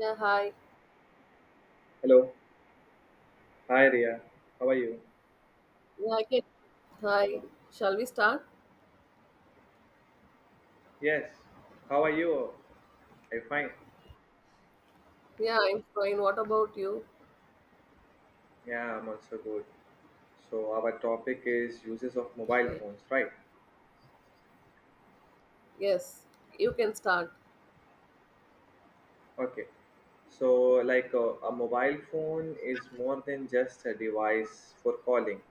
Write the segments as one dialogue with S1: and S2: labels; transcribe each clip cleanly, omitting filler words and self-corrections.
S1: Yeah, hi.
S2: Hello. Hi, Ria. How are you?
S1: Yeah, I can. Hi. Shall we start?
S2: Yes. How are you? I'm fine.
S1: Yeah, I'm fine. What about you?
S2: Yeah, I'm also good. So our topic is uses of mobile
S1: Okay.
S2: phones, right?
S1: Yes, you can start.
S2: Okay. So like a mobile phone is more than just a device for calling.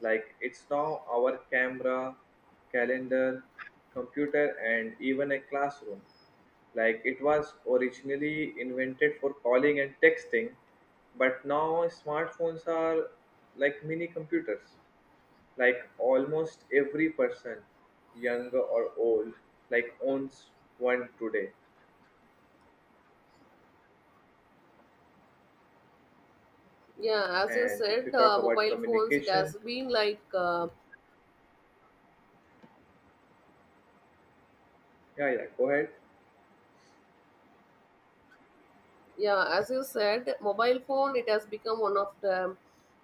S2: Like it's now our camera, calendar, computer, and even a classroom. Like it was originally invented for calling and texting, but now smartphones are like mini computers. Like almost every person, young or old, like owns one today.
S1: Yeah, as you
S2: And if you
S1: said,
S2: talk about
S1: mobile phones, it
S2: communication,
S1: has been like
S2: yeah, yeah, go ahead.
S1: Yeah, as you said, mobile phone it has become one of the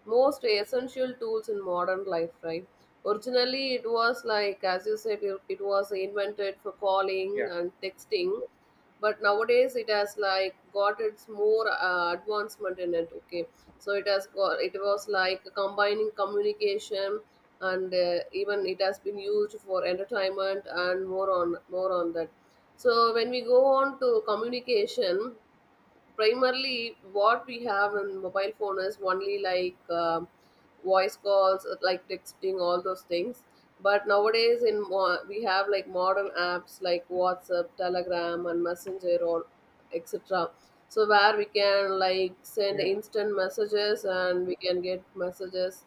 S1: most essential tools in modern life, right? Originally, it was like as you said, it was invented for calling
S2: Yeah,
S1: and texting, but nowadays it has like got its more advancement in it. Okay, so it has got it was like combining communication and even it has been used for entertainment and more on that. So when we go on to communication, primarily what we have in mobile phone is only like voice calls like texting all those things, but nowadays we have like modern apps like WhatsApp, Telegram, and Messenger or etc. So where we can like send
S2: yeah.
S1: instant messages and we can get messages.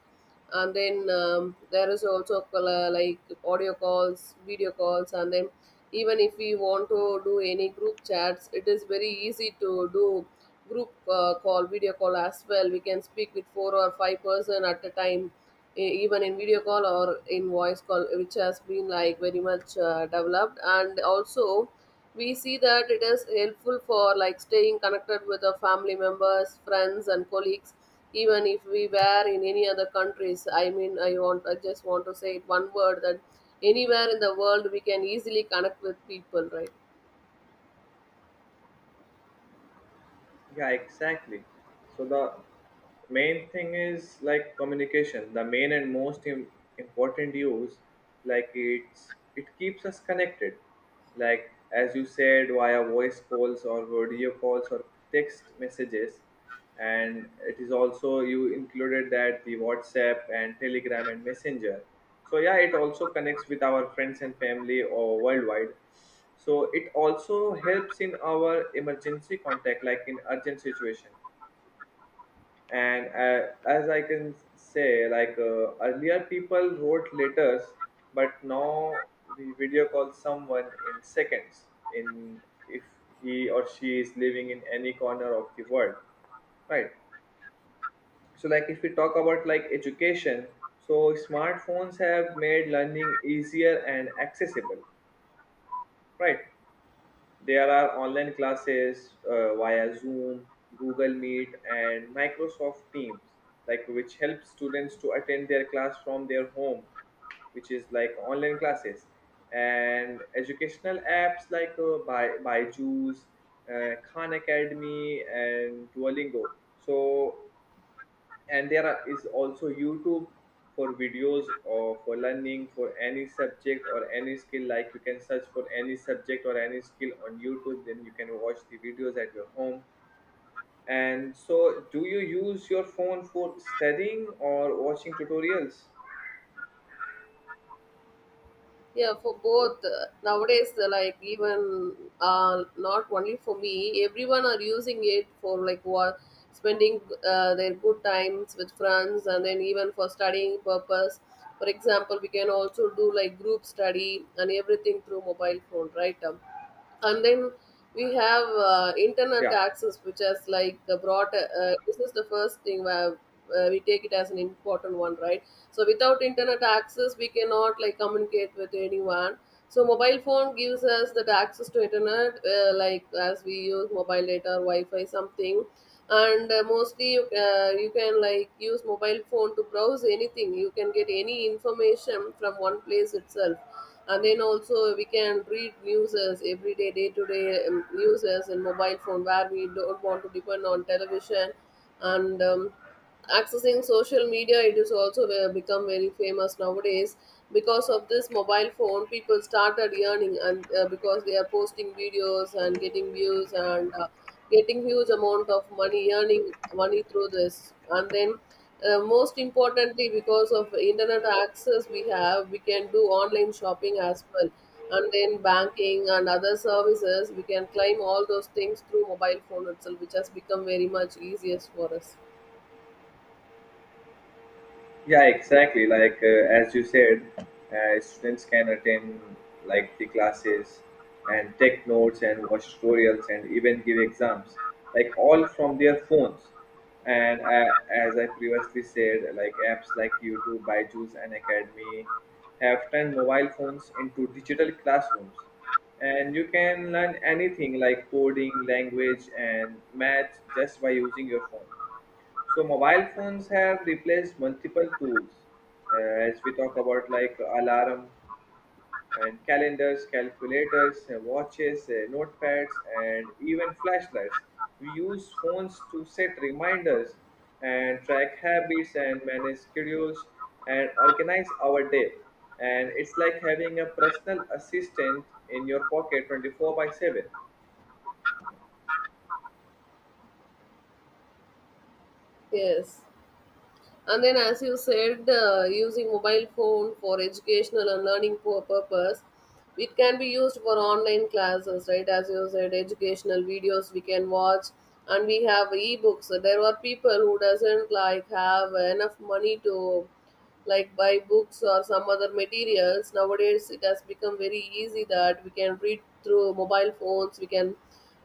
S1: And then there is also like audio calls, video calls, and then even if we want to do any group chats, it is very easy to do group call, video call as well. We can speak with four or five person at a time, even in video call or in voice call, which has been like very much developed. And also we see that it is helpful for like staying connected with the family members, friends, and colleagues, even if we were in any other countries. I mean, I just want to say it one word that anywhere in the world we can easily connect with people, right?
S2: Yeah, exactly. So the main thing is like communication, the main and most important use. Like it keeps us connected, like as you said, via voice calls or video calls or text messages. And it is also you included that the WhatsApp and Telegram and Messenger. So yeah, it also connects with our friends and family or worldwide. So it also helps in our emergency contact, like in urgent situation. And as I can say, like earlier people wrote letters, but now we video call someone in seconds in if he or she is living in any corner of the world, right? So like if we talk about like education, so smartphones have made learning easier and accessible, right? There are online classes via Zoom, Google Meet, and Microsoft Teams, like which helps students to attend their class from their home, which is like online classes. And educational apps like by Byju's, Khan Academy, and Duolingo. So and there is also YouTube for videos or for learning for any subject or any skill. Like you can search for any subject or any skill on YouTube, then you can watch the videos at your home. And so do you use your phone for studying or watching tutorials?
S1: Yeah, for both. Nowadays, like even not only for me, everyone are using it for like what, spending their good times with friends, and then even for studying purpose. For example, we can also do like group study and everything through mobile phone, right? And then we have internet
S2: Yeah.
S1: access, which has like brought this is the first thing where we take it as an important one, right? So without internet access we cannot like communicate with anyone. So mobile phone gives us that access to internet, like as we use mobile data or wi-fi something. And mostly you can like use mobile phone to browse anything. You can get any information from one place itself. And then also we can read news, as everyday day to day news as in mobile phone, where we don't want to depend on television. And accessing social media, it is also become very famous nowadays. Because of this mobile phone people started earning, and because they are posting videos and getting views and getting huge amount of money, earning money through this. And then most importantly, because of internet access we have, we can do online shopping as well, and then banking and other services. We can claim all those things through mobile phone itself, which has become very much easiest for us.
S2: Yeah, exactly. Like as you said, students can attend like the classes and take notes and watch tutorials and even give exams, like all from their phones. And as I previously said, like apps like YouTube, ByJu's, and Academy have turned mobile phones into digital classrooms. And you can learn anything like coding, language, and math just by using your phone. So mobile phones have replaced multiple tools, uh, as we talk about like alarm and calendars, calculators, watches, notepads, and even flashlights. We use phones to set reminders and track habits and manage schedules and organize our day. And it's like having a personal assistant in your pocket 24 by 7.
S1: Yes. And then, as you said, using mobile phone for educational and learning purpose, it can be used for online classes, right? As you said, educational videos we can watch, and we have ebooks. So, there are people who doesn't like have enough money to like buy books or some other materials. Nowadays, it has become very easy that we can read through mobile phones. We can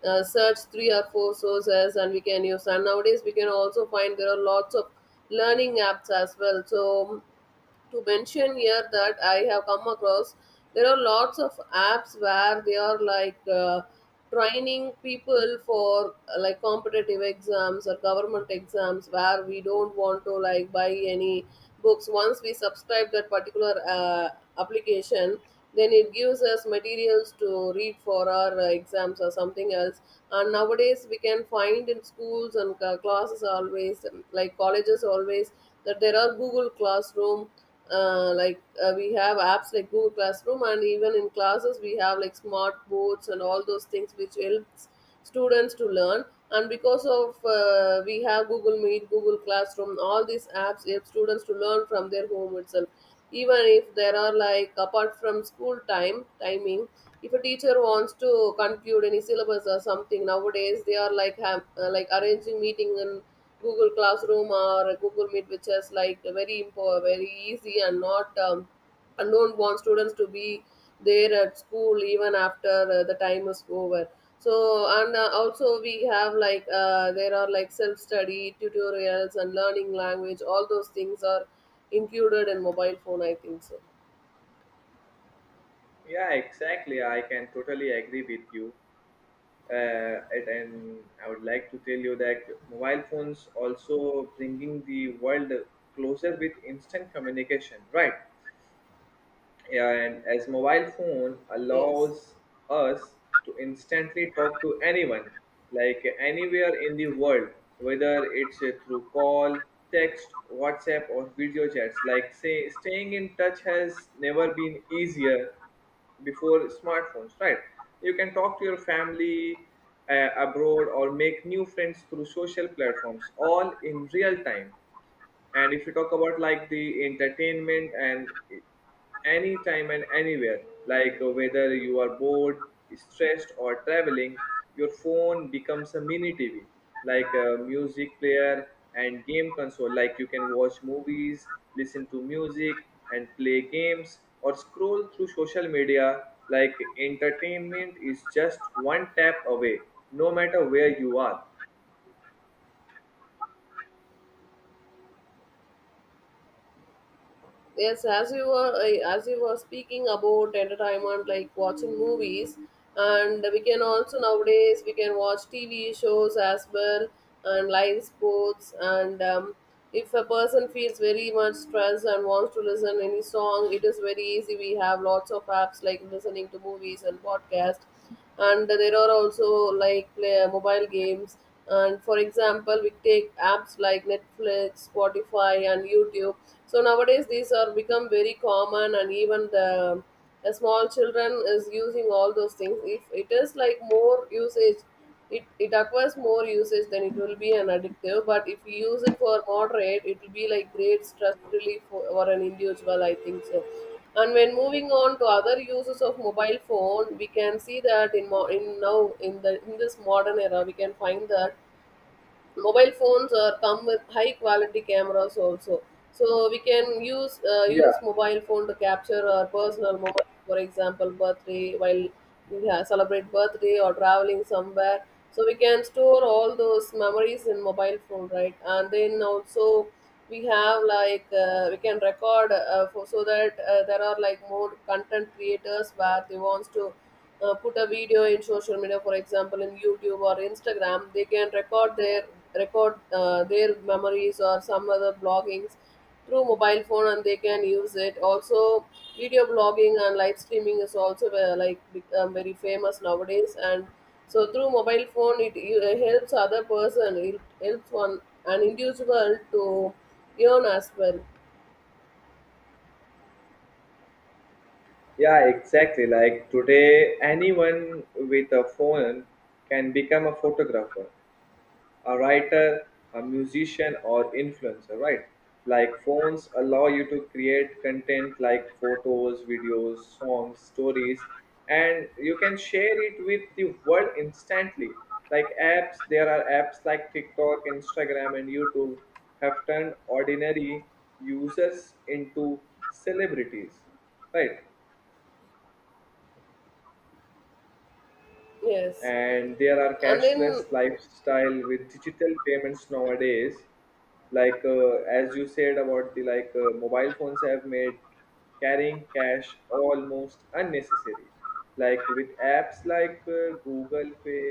S1: search three or four sources and we can use. And nowadays we can also find there are lots of learning apps as well. So to mention here that I have come across, there are lots of apps where they are like training people for like competitive exams or government exams, where we don't want to like buy any books. Once we subscribe that particular application, then it gives us materials to read for our exams or something else. And nowadays we can find in schools and classes always, like colleges always, that there are Google Classroom, like we have apps like Google Classroom, and even in classes we have like smart boards and all those things, which helps students to learn. And because of we have Google Meet, Google Classroom, all these apps help students to learn from their home itself, even if there are like apart from school time timing. If a teacher wants to conclude any syllabus or something, nowadays they are like have, like arranging meeting and Google Classroom or Google Meet, which is like very very easy, and not and don't want students to be there at school even after the time is over. So and also we have like there are like self study tutorials and learning language. All those things are included in mobile phone, I think so.
S2: Yeah, exactly. I can totally agree with you. And I would like to tell you that mobile phones also bringing the world closer with instant communication, right? And as mobile phone
S1: Yes.
S2: allows us to instantly talk to anyone, like anywhere in the world, whether it's through call, text, WhatsApp, or video chats. Like say, staying in touch has never been easier before smartphones, right? You can talk to your family abroad or make new friends through social platforms, all in real time. And if you talk about like the entertainment and anytime and anywhere, like whether you are bored, stressed, or traveling, your phone becomes a mini TV, like a music player and game console. Like you can watch movies, listen to music, and play games, or scroll through social media. Like entertainment is just one tap away, no matter where you are.
S1: Yes, as you were speaking about entertainment, like watching movies, and we can also nowadays we can watch TV shows as well, and live sports. And if a person feels very much stressed and wants to listen any song, it is very easy. We have lots of apps like listening to movies and podcast, and there are also like play mobile games. And for example, we take apps like Netflix, Spotify, and YouTube. So nowadays these are become very common. And even the small children is using all those things. If it is like more usage, it acquires more usage, then it will be an addictive. But if you use it for moderate, it will be like great stress relief for an individual, I think so. And when moving on to other uses of mobile phone, we can see that in, mo- in now in the in this modern era, we can find that mobile phones are come with high quality cameras also. So we can use uh,
S2: Yeah.
S1: use mobile phone to capture our personal moment. For example, birthday, while we celebrate birthday or traveling somewhere. So we can store all those memories in mobile phone, right? And then also we have like we can record for so that there are like more content creators where they wants to put a video in social media. For example, in YouTube or Instagram, they can record their memories or some other bloggings through mobile phone, and they can use it also. Video blogging and live streaming is also like become very famous nowadays. And so through mobile phone, it helps one an individual to earn as well.
S2: Yeah, exactly. Like today, anyone with a phone can become a photographer, a writer, a musician, or influencer, right? Like phones allow you to create content like photos, videos, songs, stories, and you can share it with the world instantly. Like apps, there are apps like TikTok, Instagram, and YouTube have turned ordinary users into celebrities, right?
S1: Yes
S2: And there are
S1: and
S2: cashless
S1: then.
S2: lifestyle with digital payments nowadays. Like as you said about the, like mobile phones have made carrying cash almost unnecessary. Like with apps like Google Pay,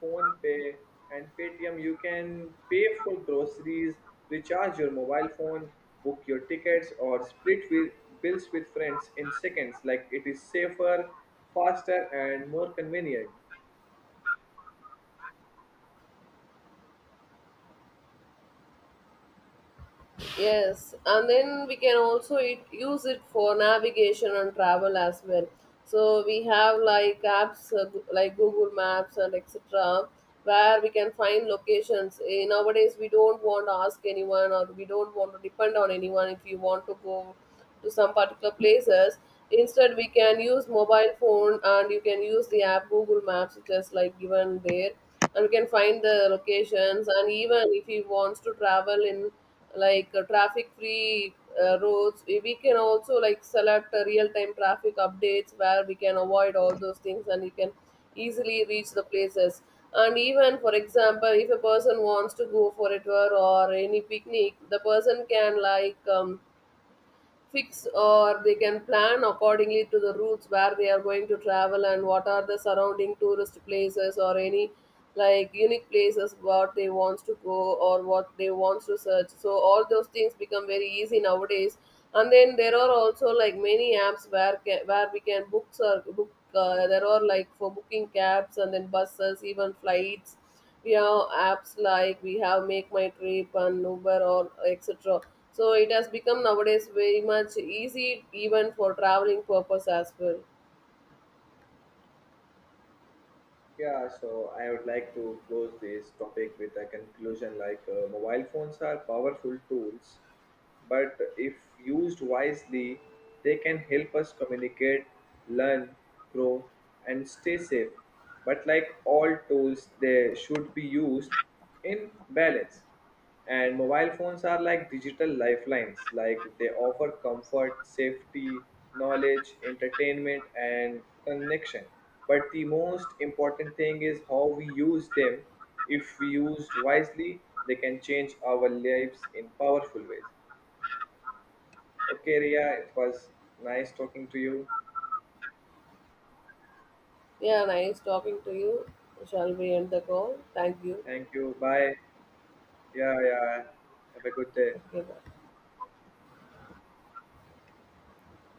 S2: Phone Pay, and Paytm, you can pay for groceries, recharge your mobile phone, book your tickets, or split with bills with friends in seconds. Like it is safer, faster, and more convenient.
S1: Yes, and then we can also use it for navigation and travel as well. So we have like apps like Google Maps and etc. where we can find locations. Nowadays we don't want to ask anyone, or we don't want to depend on anyone if we want to go to some particular places. Instead, we can use mobile phone and you can use the app Google Maps, just like given there, and we can find the locations. And even if he wants to travel in like traffic free roads, we can also like select real time traffic updates where we can avoid all those things and we can easily reach the places. And even, for example, if a person wants to go for a tour or any picnic, the person can like fix or they can plan accordingly to the routes where they are going to travel and what are the surrounding tourist places or any like unique places what they wants to go or what they wants to search. So all those things become very easy nowadays. And then there are also like many apps where where we can book there are like for booking cabs and then buses, even flights. Yeah, apps like we have Make My Trip and Uber or etc. So it has become nowadays very much easy even for traveling purpose as well.
S2: Yeah, so I would like to close this topic with a conclusion. Like mobile phones are powerful tools, but if used wisely, they can help us communicate, learn, grow, and stay safe. But like all tools, they should be used in balance. And mobile phones are like digital lifelines. Like they offer comfort, safety, knowledge, entertainment, and connection. But the most important thing is how we use them. If we used wisely, they can change our lives in powerful ways. Okay, Ria, it was nice talking to you.
S1: Yeah, nice talking to you. Shall we end the call? Thank you.
S2: Thank you. Bye. Yeah, yeah. Have a good day.
S1: Okay, bye.